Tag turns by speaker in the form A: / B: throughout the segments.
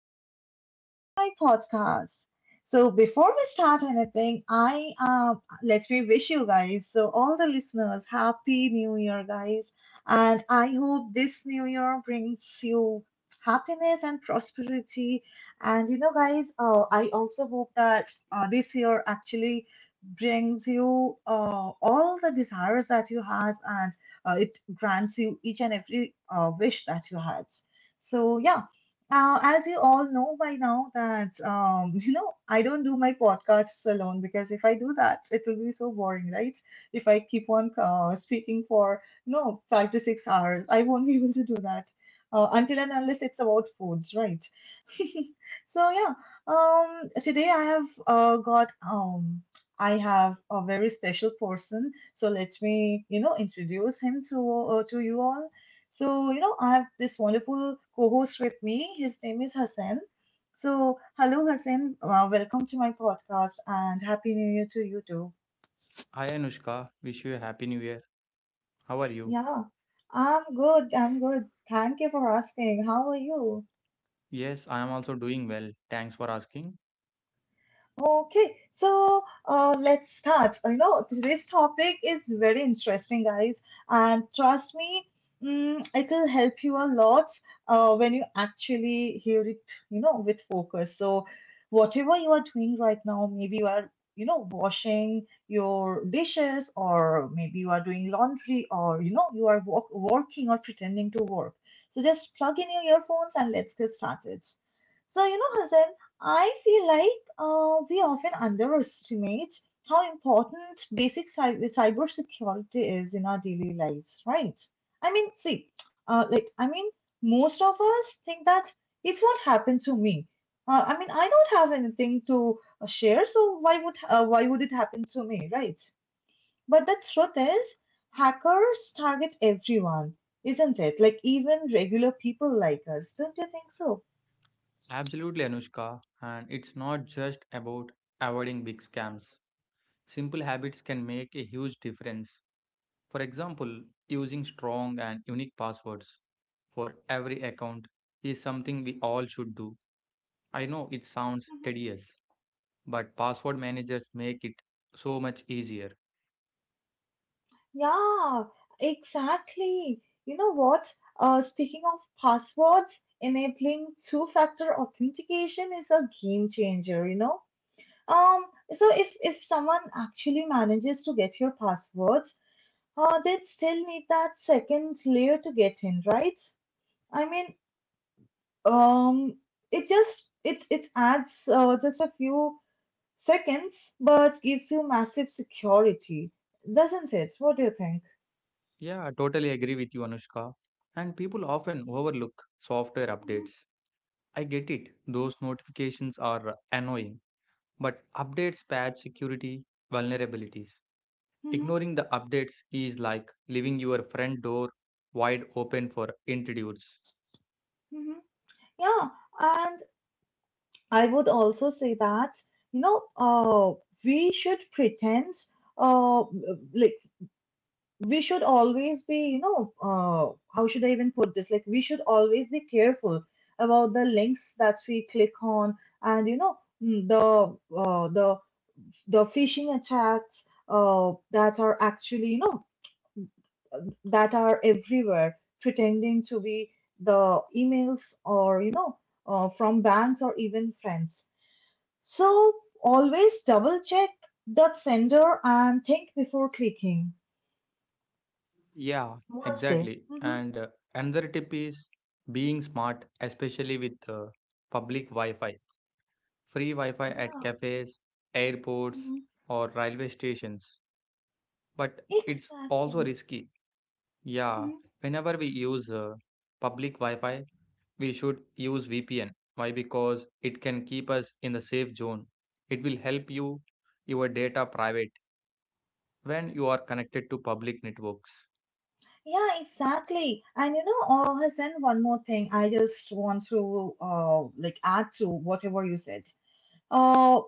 A: and welcome back to my podcast. So, before we start anything, I let me wish you guys, so all the listeners, happy new year, guys. And I hope this new year brings you happiness and prosperity. And you know, guys, I also hope that this year actually brings you all the desires that you had, and it grants you each and every wish that you had. So yeah, as you all know by now that you know I don't do my podcasts alone, because if I do that, it will be so boring, right? If I keep on speaking for you know 5 to 6 hours, I won't be able to do that until and unless it's about foods, right? So yeah, today I have a very special person. So let me you know introduce him to you all. So, you know, I have this wonderful co-host with me. His name is Hassan. So, hello, Hassan. Welcome to my podcast and happy new year to you too.
B: Hi Anushka, wish you a happy new year. How are you?
A: Yeah, I'm good. I'm good. Thank you for asking. How are you?
B: Yes, I am also doing well. Thanks for asking.
A: Okay, so let's start. You know, today's topic is very interesting, guys, and trust me, mm, it'll help you a lot when you actually hear it, you know, with focus. So, whatever you are doing right now, maybe you are, you know, washing your dishes, or maybe you are doing laundry, or you know, you are walk working or pretending to work. So, just plug in your earphones and let's get started. So, you know, Hassan, I feel like we often underestimate how important basic cybersecurity is in our daily lives, right? I mean, see, like, I mean, most of us think that it won't happen to me. I mean, I don't have anything to share, so why would it happen to me, right? But the truth is, hackers target everyone, isn't it? Like even regular people like us, don't you think so?
B: Absolutely, Anushka. And it's not just about avoiding big scams. Simple habits can make a huge difference. For example, using strong and unique passwords for every account is something we all should do. I know it sounds tedious, but password managers make it so much easier.
A: Yeah, exactly. You know what? Speaking of passwords, enabling two-factor authentication is a game changer, you know? Um, so if someone actually manages to get your password, they'd still need that second layer to get in, right? I mean, um, it adds just a few seconds, but gives you massive security, doesn't it? What do you think?
B: Yeah, I totally agree with you, Anushka. And people often overlook software updates. I get it, those notifications are annoying, but updates patch security vulnerabilities.
A: Hmm.
B: Ignoring the updates is like leaving your front door wide open for intrudes.
A: Hmm. Yeah, and I would also say that, you know, we should pretend, uh, like, we should always be, you know, how should I even put this? Like, we should always be careful about the links that we click on, and you know, mm, the the phishing attacks that are actually, you know, that are everywhere, pretending to be the emails or you know, from banks or even friends. So always double check the sender and think before clicking.
B: Yeah,
A: What say?
B: exactly.
A: Hmm.
B: And another tip is being smart, especially with public Wi Fi. Free Wi Fi at
A: Yeah.
B: cafes, airports,
A: Mhm.
B: or railway stations but it's also
A: Exactly.
B: risky. Yeah,
A: Mhm.
B: whenever we use public Wi Fi, we should use VPN. Why? Because it can keep us in the safe zone. It will help you your data private when you are connected to public networks.
A: Yeah, exactly. And you know, oh, Hassan, one more thing. I just want to like add to whatever you said. Uh,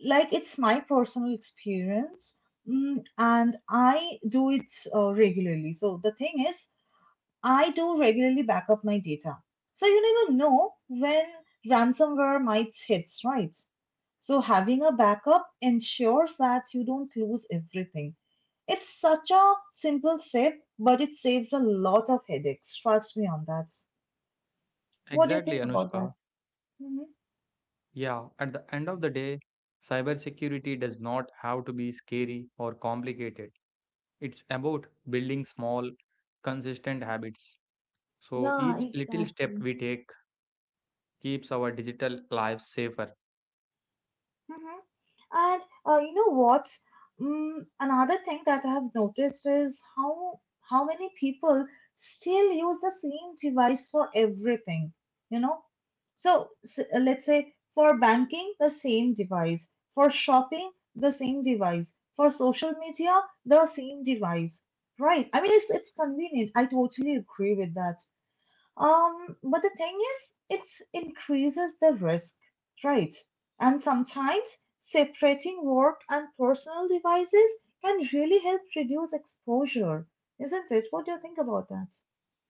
A: like it's my personal experience, mm, and I do it regularly. So the thing is, I do regularly back up my data. So you never know when ransomware might hit, right? So having a backup ensures that you don't lose everything. It's such a simple step, but it saves a lot of headaches. Trust me on that. What do you
B: Exactly,
A: think about
B: Anushka.
A: that? Mhm.
B: Yeah, at the end of the day, cybersecurity does not have to be scary or complicated. It's about building small, consistent habits. So
A: Yeah,
B: each little step
A: exactly.
B: we take keeps our digital lives safer.
A: Mhm. And you know what? Mm, another thing that I have noticed is how many people still use the same device for everything. You know, so let's say for banking, the same device. For shopping, the same device. For social media, the same device. Right? I mean, it's convenient. I totally agree with that. But the thing is, it increases the risk, right? And sometimes separating work and personal devices can really help reduce exposure, isn't it? What do you think about that?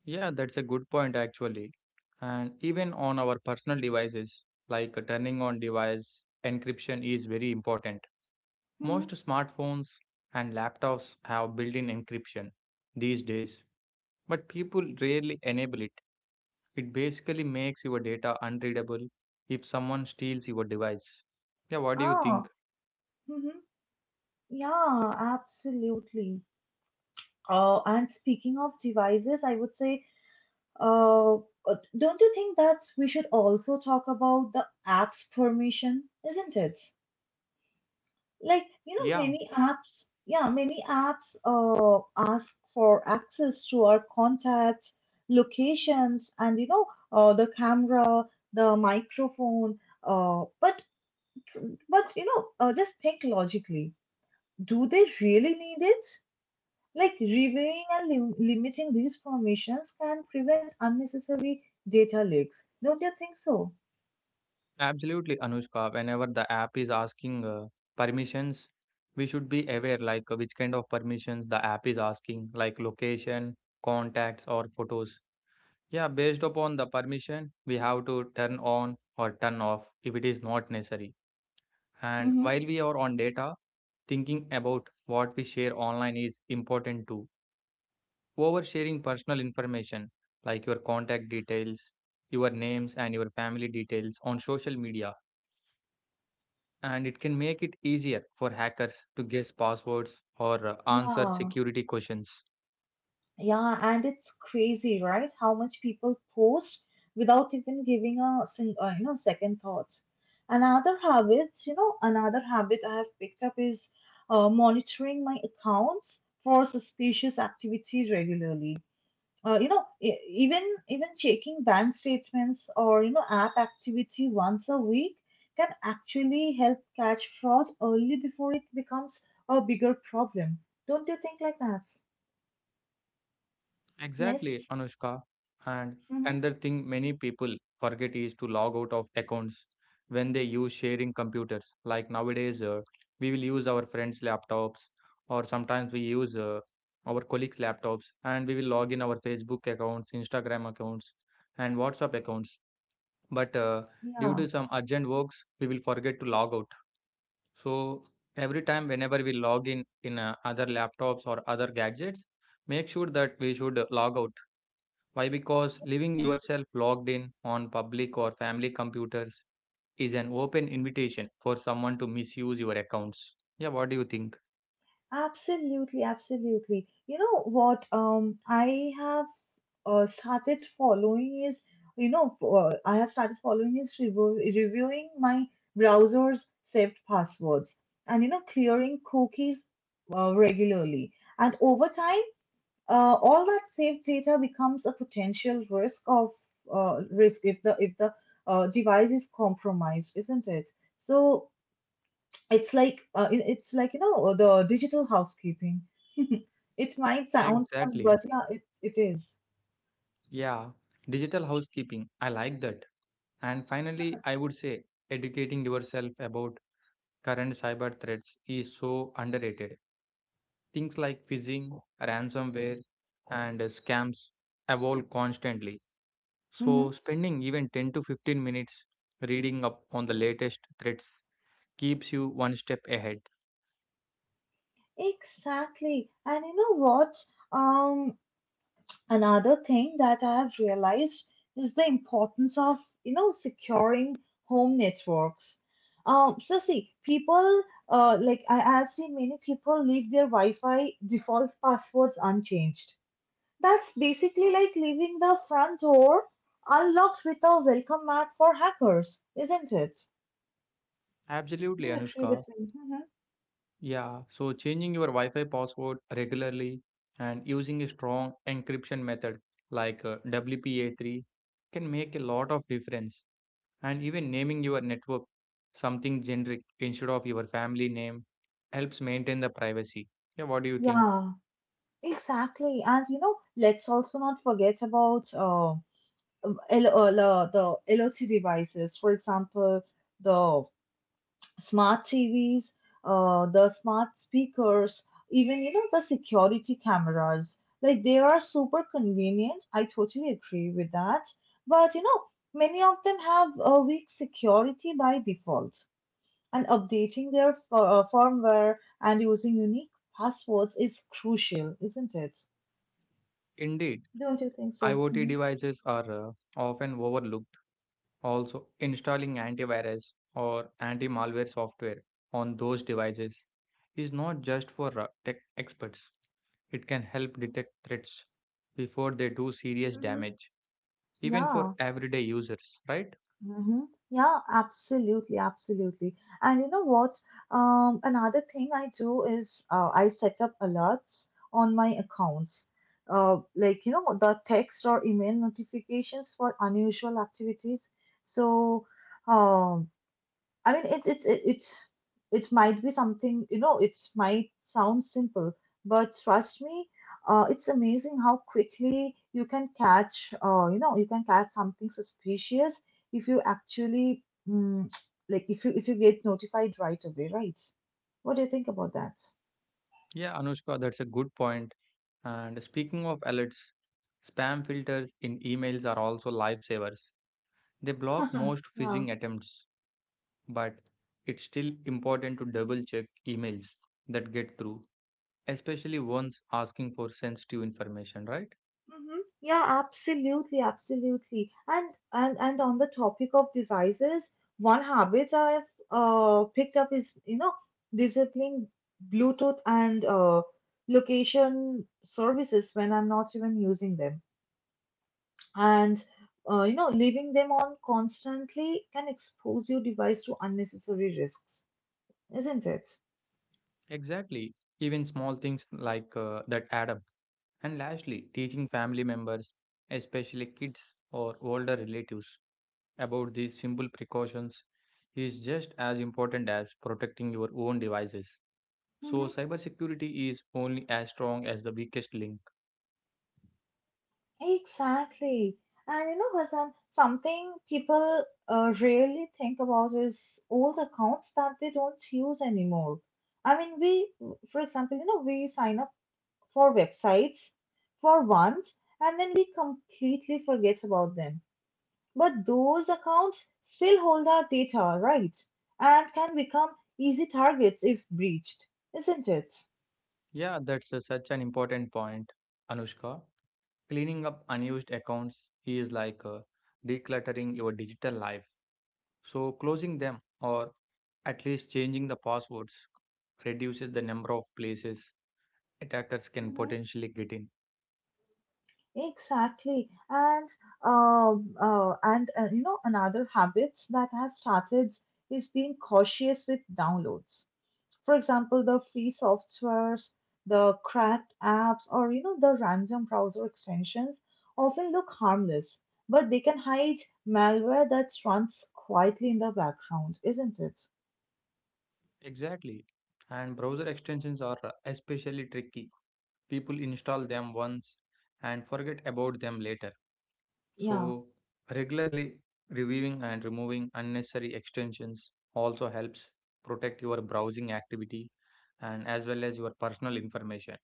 B: Yeah, that's a good point actually. And even on our personal devices, like turning on device encryption is very important.
A: Mm-hmm.
B: Most smartphones and laptops have built in encryption these days, but people rarely enable it. It basically makes your data unreadable if someone steals your device. Yeah, what do you think?
A: Ah, mm-hmm. Yeah, absolutely. And speaking of devices, I would say, don't you think that we should also talk about the app's permission, isn't it? Like you know
B: Yeah,
A: many apps, yeah, many apps ask for access to our contacts, locations, and you know the camera, the microphone, but you know, just think logically, do they really need it? Like reviewing and limiting these permissions can prevent unnecessary data leaks, don't you think so?
B: Absolutely, Anushka. Whenever the app is asking permissions, we should be aware like which kind of permissions the app is asking, like location, contacts, or photos. Yeah, based upon the permission, we have to turn on or turn off if it is not necessary. And
A: Hmm.
B: while we are on data, thinking about what we share online is important too. Oversharing personal information like your contact details, your names, and your family details on social media and it can make it easier for hackers to guess passwords or answer
A: Yeah.
B: security questions.
A: Yeah, and it's crazy, right? How much people post without even giving a you know second thought. Another habit, you know, another habit I have picked up is monitoring my accounts for suspicious activity regularly. You know, even checking bank statements or you know app activity once a week can actually help catch fraud early before it becomes a bigger problem. Don't you think like that?
B: Exactly,
A: Yes.
B: Anushka. And another thing many people forget is to log out of accounts when they use sharing computers. Like nowadays, we will use our friends' laptops, or sometimes we use our colleagues' laptops, and we will log in our Facebook accounts, Instagram accounts, and WhatsApp accounts. But due
A: Yeah.
B: to some urgent works, we will forget to log out. So every time whenever we log in other laptops or other gadgets, make sure that we should log out. Why? Because leaving yourself logged in on public or family computers is an open invitation for someone to misuse your accounts. Yeah, what do you think?
A: Absolutely, absolutely. You know what, I have started following is you know I have started following is reviewing my browser's saved passwords and you know clearing cookies regularly. And over time, all that saved data becomes a potential risk if the device is compromised, isn't it? So it's like it's like you know the digital housekeeping. It might sound fun, but
B: Exactly.
A: yeah, it is.
B: Yeah. Digital housekeeping. I like that. And finally, I would say educating yourself about current cyber threats is so underrated. Things like phishing, ransomware, and scams evolve constantly. So,
A: Mm-hmm.
B: spending even 10 to 15 minutes reading up on the latest threats keeps you one step ahead.
A: Exactly. And you know what? Um, Another thing that I have realized is the importance of, you know, securing home networks. So see, people, like I have seen many people leave their Wi-Fi default passwords unchanged. That's basically like leaving the front door unlocked with a welcome mat for hackers, isn't it? Do
B: Absolutely,
A: you agree
B: Anushka.
A: with me? Mhm.
B: Yeah, so changing your Wi Fi password regularly and using a strong encryption method like WPA3 can make a lot of difference. And even naming your network something generic instead of your family name helps maintain the privacy. Yeah, what do you think?
A: Yeah, exactly. And you know, let's also not forget about the LOT devices, for example, the smart TVs, the smart speakers, even you know the security cameras. Like they are super convenient. I totally agree with that. But you know, many of them have a weak security by default. And updating their firmware and using unique passwords is crucial, isn't it?
B: Indeed,
A: Don't you think so?
B: IoT
A: Mhm.
B: devices are often overlooked. Also, installing antivirus or anti malware software on those devices is not just for tech experts, it can help detect threats before they do serious
A: Mm-hmm.
B: damage, even for
A: Yeah.
B: everyday users, right?
A: Mm-hmm. Yeah, absolutely, absolutely. And you know what? Another thing I do is I set up alerts on my accounts. Like, you know, the text or email notifications for unusual activities. So, um, I mean, it might be something you know. It might sound simple, but trust me, it's amazing how quickly you can catch. You know, you can catch something suspicious if you actually mm, like if you get notified right away, right? What do you think about that?
B: Yeah, Anushka, that's a good point. And speaking of alerts, spam filters in emails are also lifesavers. They block most
A: Yeah.
B: phishing attempts, but it's still important to double check emails that get through, especially ones asking for sensitive information, right?
A: Hmm. Yeah, absolutely, absolutely. And on the topic of devices, one habit I've picked up is, you know, disabling Bluetooth and location services when I'm not even using them. And you know, leaving them on constantly can expose your device to unnecessary risks, isn't it?
B: Exactly. Even small things like that add up. And lastly, teaching family members, especially kids or older relatives, about these simple precautions is just as important as protecting your own devices. So, cybersecurity is only as strong as the weakest link.
A: Exactly. And you know, Hassan, something people really think about is old accounts that they don't use anymore. I mean, we, for example, you know, we sign up for websites for once and then we completely forget about them. But those accounts still hold our data, right? And can become easy targets if breached, isn't it?
B: Yeah, such an important point, Anushka. Cleaning up unused accounts is like decluttering your digital life. So, closing them or at least changing the passwords reduces the number of places attackers can
A: Mm-hmm.
B: potentially get in.
A: Exactly. And you know another habit that has started is being cautious with downloads. For example, the free softwares, the cracked apps, or you know the random browser extensions often look harmless, but they can hide malware that runs quietly in the background, isn't it?
B: Exactly. And browser extensions are especially tricky. People install them once and forget about them later.
A: Yeah.
B: So, regularly reviewing and removing unnecessary extensions also helps protect your browsing activity and as well as your personal information.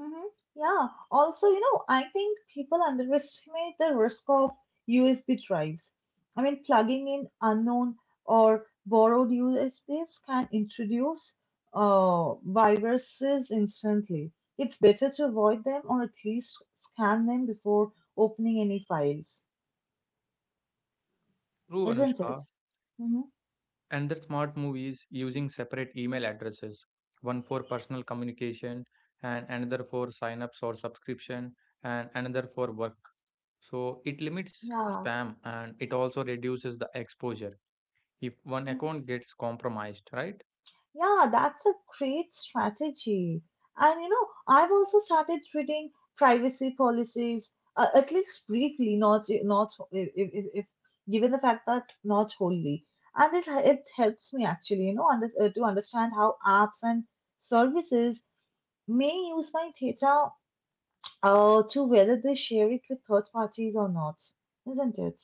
A: Mhm. Yeah. Also, you know, I think people underestimate the risk of USB drives. I mean, plugging in unknown or borrowed USBs can introduce viruses instantly. It's better to avoid them or at least scan them before opening any files,
B: True,
A: isn't it?
B: Anushka.
A: Hmm.
B: Another smart move is using separate email addresses, one for personal communication and another for sign-ups or subscription and another for work. So it limits
A: Yeah.
B: spam and it also reduces the exposure if one
A: Mm-hmm.
B: account gets compromised, right?
A: Yeah, that's a great strategy. And you know, I've also started reading privacy policies, at least briefly, not if, if given the fact that not wholly. And it helps me actually, you know, to understand how apps and services may use my data to whether they share it with third parties or not, isn't it?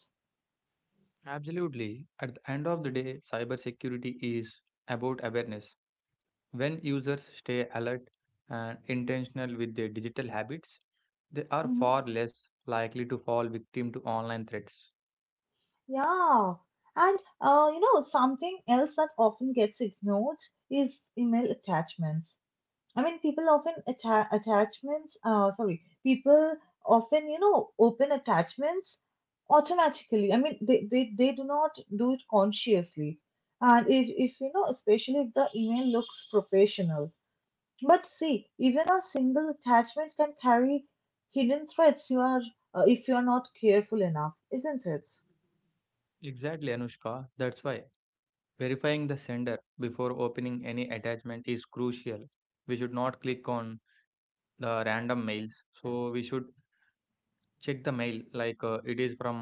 B: Absolutely. At the end of the day, cybersecurity is about awareness. When users stay alert and intentional with their digital habits, they are
A: Mm-hmm.
B: far less likely to fall victim to online threats.
A: Yeah, and you know, something else that often gets ignored is email attachments. I mean, people often, you know, open attachments automatically. I mean, they do not do it consciously. And if, you know, especially if the email looks professional. But see, even a single attachment can carry hidden threats if you are not careful enough, isn't it?
B: Exactly, Anushka. That's why verifying the sender before opening any attachment is crucial. We should not click on the random mails. So, we should check the mail like it is from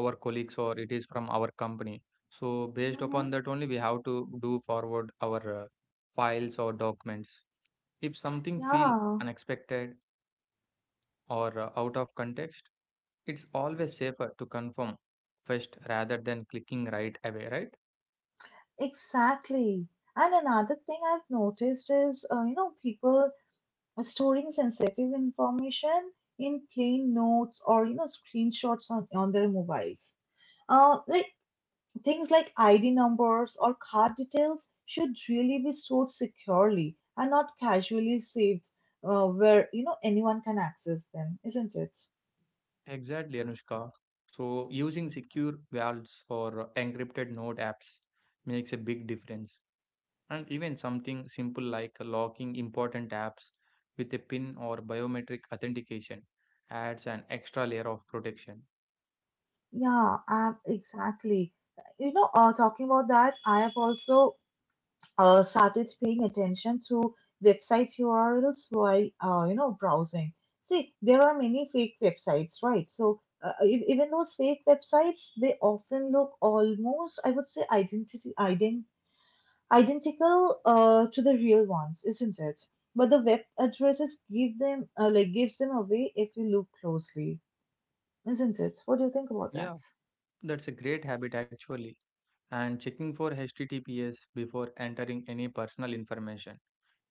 B: our colleagues or it is from our company, so based upon that only we have to do forward our files or documents if something feels
A: Yeah,
B: unexpected or out of context. It's always safer to confirm first rather than clicking right away, right?
A: exactly. And another thing I've noticed is, people storing sensitive information in plain notes or, screenshots on, their mobiles. Like things like ID numbers or card details should really be stored securely and not casually saved where, anyone can access them, isn't it?
B: Exactly, Anushka. So using secure vaults or encrypted note apps makes a big difference. And even something simple like locking important apps with a PIN or biometric authentication adds an extra layer of protection.
A: Yeah, exactly. Talking about that, I have also started paying attention to website URLs while browsing. See, there are many fake websites, right? So even those fake websites, they often look almost, I would say, identical to the real ones, isn't it? But the web addresses gives them away if we look closely, isn't it? What do you think about that?
B: Yeah, that's a great habit actually. And checking for HTTPS before entering any personal information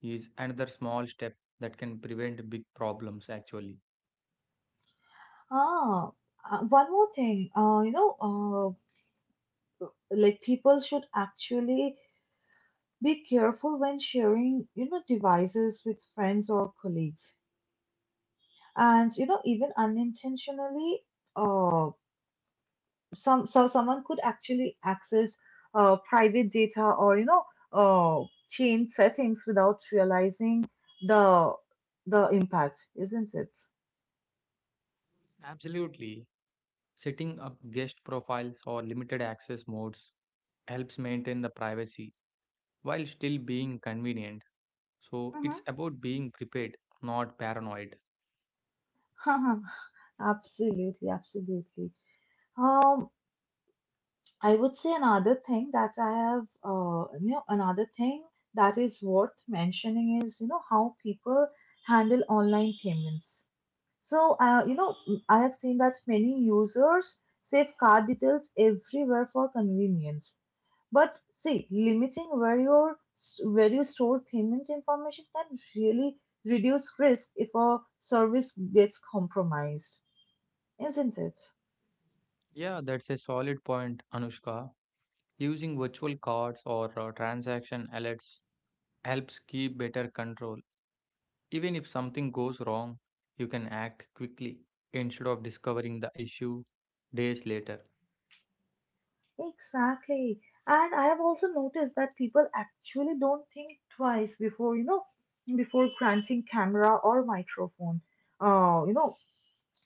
B: is another small step that can prevent big problems actually.
A: Ah, One more thing. People should actually be careful when sharing, devices with friends or colleagues. And even unintentionally, uh, someone could actually access private data or uh, change settings without realizing the the impact, isn't it?
B: Absolutely. Setting up guest profiles or limited access modes helps maintain the privacy while still being convenient. So it's about being prepared, not paranoid.
A: Hmm Absolutely, absolutely. Um, I would say another thing that is worth mentioning is, how people handle online payments. So, I have seen that many users save card details everywhere for convenience. But see, limiting where you store payment information can really reduce risk if a service gets compromised, isn't it?
B: Yeah, that's a solid point, Anushka. Using virtual cards or transaction alerts helps keep better control. Even if something goes wrong, you can act quickly instead of discovering the issue days later.
A: Exactly. And I have also noticed that people actually don't think twice before, before granting camera or microphone. Uh, you know,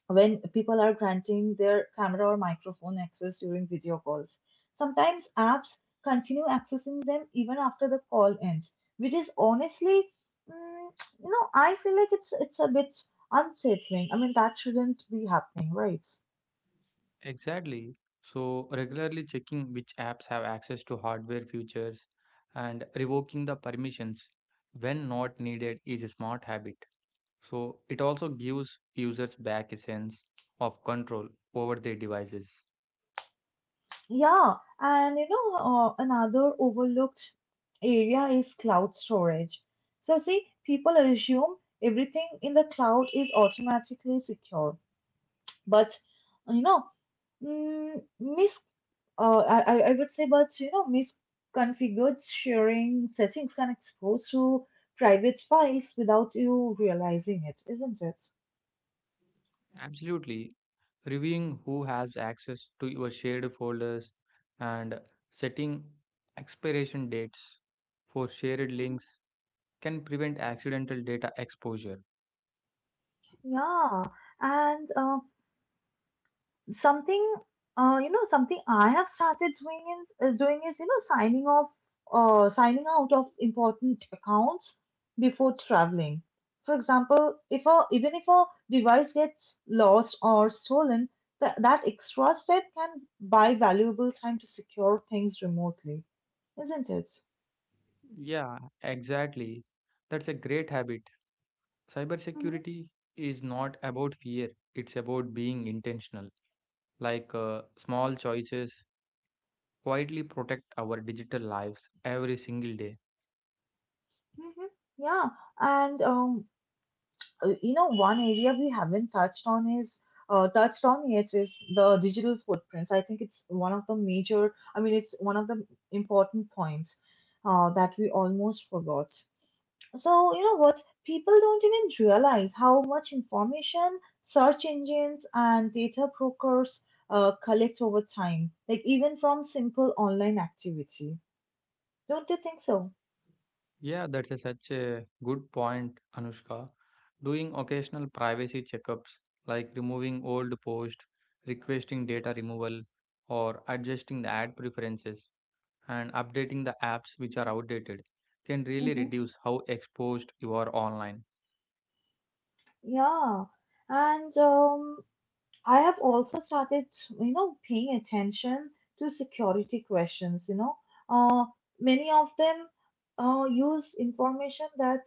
A: when people are granting their camera or microphone access during video calls, sometimes apps continue accessing them even after the call ends, which is honestly, mm, I feel like it's a bit unsettling. I mean, that shouldn't be happening, right?
B: Exactly. So, regularly checking which apps have access to hardware features and revoking the permissions when not needed is a smart habit. So it also gives users back a sense of control over their devices.
A: Yeah, and another overlooked area is cloud storage. So, see, people assume everything in the cloud is automatically secure, but you know, mm, mis I would say, but misconfigured sharing settings can expose to private files without you realizing it, isn't it?
B: Absolutely. Reviewing who has access to your shared folders and setting expiration dates for shared
A: Mhm.
B: links can prevent accidental data exposure.
A: Yeah, and something you know something I have started doing is signing off signing out of important accounts before traveling. For example, if a, even if a device gets lost or stolen, that extra step can buy valuable time to secure things remotely, isn't it?
B: Yeah, exactly. That's a great habit.
A: Mhm.
B: Cybersecurity is not about fear, it's about being intentional, like small choices quietly protect our digital lives every single day.
A: Mm-hmm. Yeah, and one area we haven't touched on yet is the digital footprints. I think it's one of the major I mean it's one of the important points that we almost forgot. So you know what, people don't even realize how much information search engines and data brokers collect over time, like even from simple online activity, don't you think so?
B: Yeah, that's a such a good point, Anushka. Doing occasional privacy checkups like removing old posts, requesting data removal, or adjusting the ad preferences and updating the apps which are outdated can really
A: Hmm
B: reduce how exposed you are online.
A: Yeah. And I have also started, paying attention to security questions. Uh, Many of them use information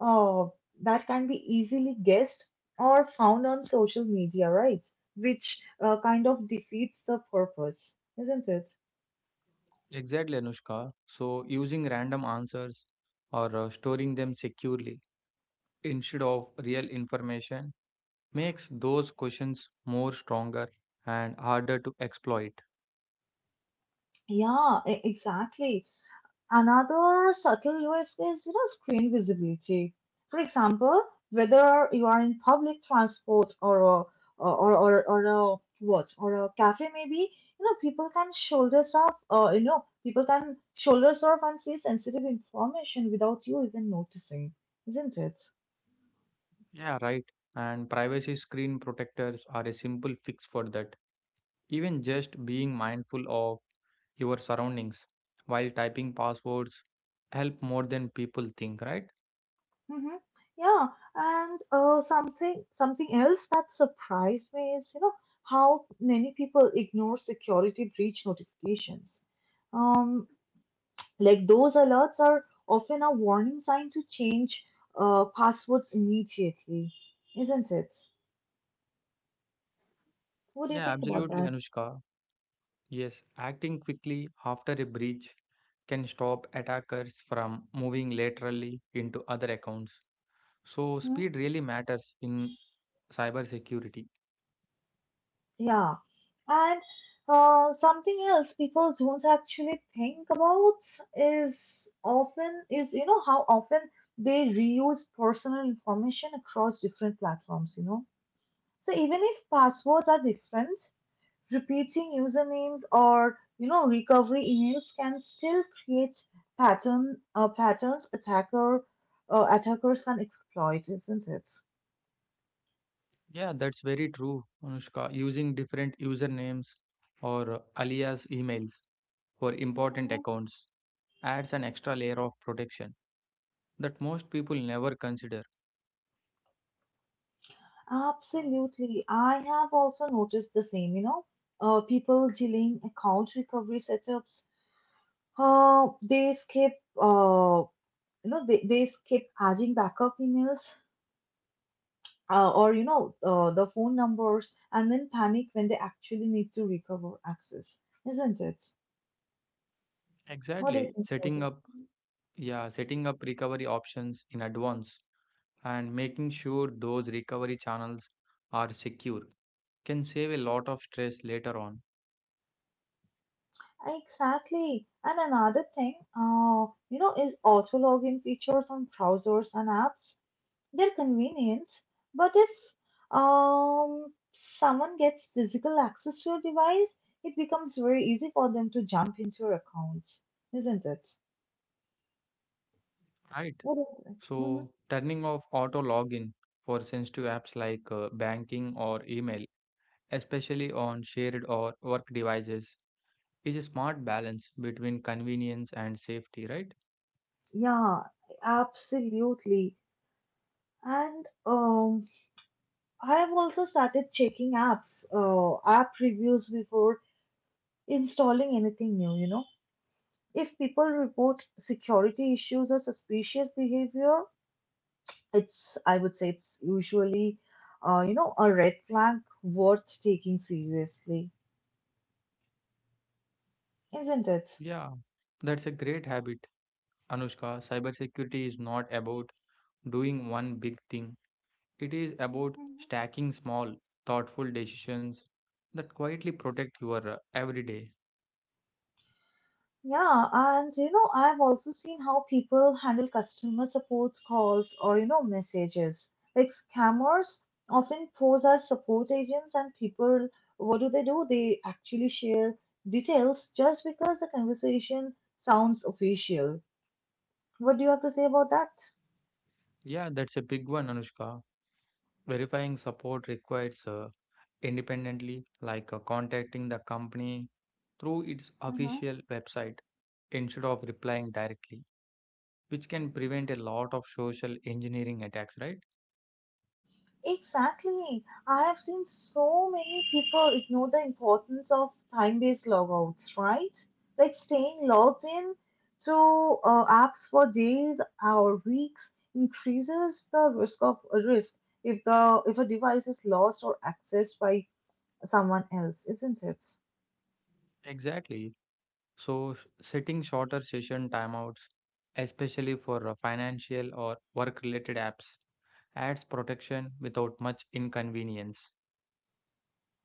A: uh, that can be easily guessed or found on social media, right? Which kind of defeats the purpose, isn't it?
B: Exactly, Anushka. So, using random answers or storing them securely instead of real information makes those questions more stronger and harder to exploit.
A: Exactly. Another subtle risk is screen visibility. For example, whether you are in public transport or a, or or a what or a cafe, maybe people can shoulder surf and see sensitive information without you even noticing, isn't it?
B: Yeah, right. And privacy screen protectors are a simple fix for that. Even just being mindful of your surroundings while typing passwords help more than people think, right?
A: Hmm Yeah, and something else that surprised me is how many people ignore security breach notifications. Um, Like those alerts are often a warning sign to change passwords immediately, isn't it? What do you
B: Yeah,
A: think about
B: absolutely,
A: that?
B: Anushka. Yes, acting quickly after a breach can stop attackers from moving laterally into other accounts. So,
A: Hmm?
B: speed really matters in cybersecurity.
A: Yeah. And something else people don't actually think about is how often they reuse personal information across different platforms, you know. So even if passwords are different, repeating usernames or recovery emails can still create patterns attackers can exploit, isn't it?
B: Yeah, that's very true, Anushka. Using different usernames or alias emails for important
A: Hmm
B: accounts adds an extra layer of protection that most people never consider.
A: Absolutely. I have also noticed the same, people dealing account recovery setups, uh, they skip, uh, they skip adding backup emails or, the phone numbers and then panic when they actually need to recover access, isn't it? What do you
B: Exactly.
A: think about
B: Setting
A: it?
B: up, yeah, setting up recovery options in advance and making sure those recovery channels are secure can save a lot of stress later on.
A: Exactly. And another thing, is auto login features on browsers and apps. They're convenient, but if someone gets physical access to your device, it becomes very easy for them to jump into your accounts, isn't it?
B: Right.
A: What do you think? Mhm.
B: So, turning off auto login for sensitive apps like banking or email, especially on shared or work devices, is a smart balance between convenience and safety, right?
A: Yeah, absolutely. And I've also started checking app reviews before installing anything new. If people report security issues or suspicious behavior, it's I would say it's usually a red flag worth taking seriously, isn't it?
B: Yeah, that's a great habit, Anushka. Cybersecurity is not about doing one big thing, it is about
A: Mhm.
B: stacking small, thoughtful decisions that quietly protect your everyday.
A: Yeah, and you know, I've also seen how people handle customer support calls or messages. Like scammers often pose as support agents, and people, what do? They actually share details just because the conversation sounds official. What do you have to say about that?
B: Yeah, that's a big one, Anushka. Verifying support requires independently, like contacting the company through its
A: Hmm
B: official website instead of replying directly, which can prevent a lot of social engineering attacks, right?
A: Exactly. I have seen so many people ignore the importance of time-based logouts, right? Like staying logged in to apps for days or weeks increases the risk if the if a device is lost or accessed by someone else, isn't it?
B: Exactly. So, setting shorter session timeouts, especially for financial or work related apps, adds protection without much inconvenience.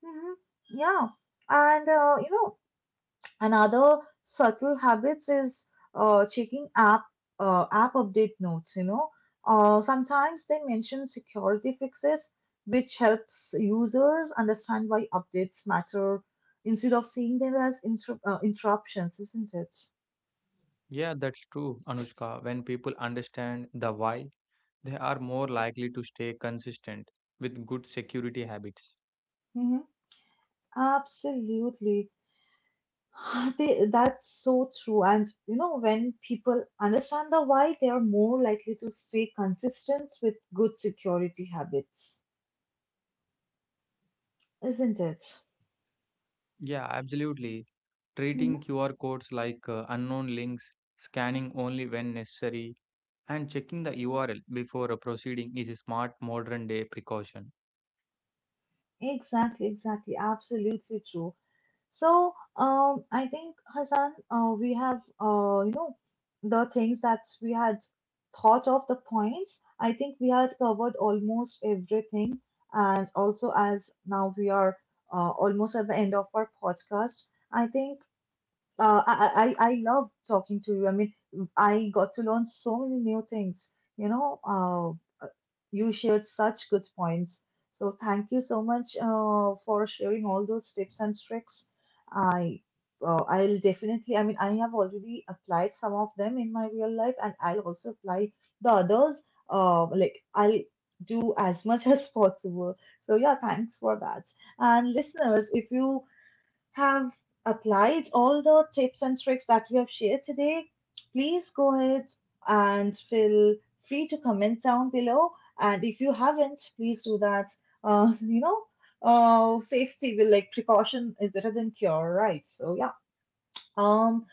A: Hmm Yeah. And another subtle habit is checking app update notes. Sometimes they mention security fixes, which helps users understand why updates matter instead of seeing them as interruptions, isn't it?
B: Yeah, that's true, Anushka. When people understand the why, they are more likely to stay consistent with good security habits.
A: Hmm Absolutely. That's so true. And you know, when people understand the why, they are more likely to stay consistent with good security habits, isn't it?
B: Yeah, absolutely. Treating QR codes like unknown links, scanning only when necessary, and checking the URL before proceeding is a smart modern day precaution.
A: Exactly, exactly, absolutely true. So, I think Hassan, we have, the things that we had thought of, the points. I think we had covered almost everything, and also as now we are almost at the end of our podcast. I think I love talking to you. I mean, I got to learn so many new things. You know, uh, uh, you shared such good points. So thank you so much for sharing all those tips and tricks. I I'll definitely. I mean, I have already applied some of them in my real life, and I'll also apply the others. I'll do as much as possible. So yeah, thanks for that. And listeners, if you have applied all the tips and tricks that we have shared today, please go ahead and feel free to comment down below. And if you haven't, please do that. You know, Safety will, like, precaution is better than cure, right? So yeah. Um,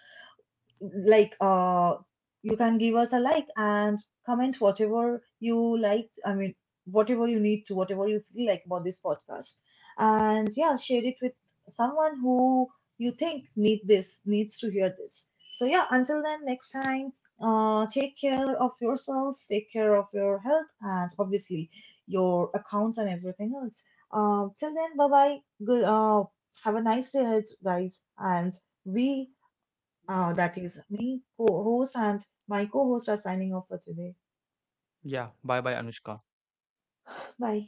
A: like uh you can give us a like and comment whatever you like. I mean, whatever you need to, whatever you feel like about this podcast. And yeah, share it with someone who you think needs to hear this. So yeah, until then, next time, take care of yourselves, take care of your health, and obviously your accounts and everything else. Till then, bye bye. Good Have a nice day ahead, guys, and we that is me, co-host, and my co-host are signing off for today.
B: Yeah, bye bye, Anushka.
A: Bye.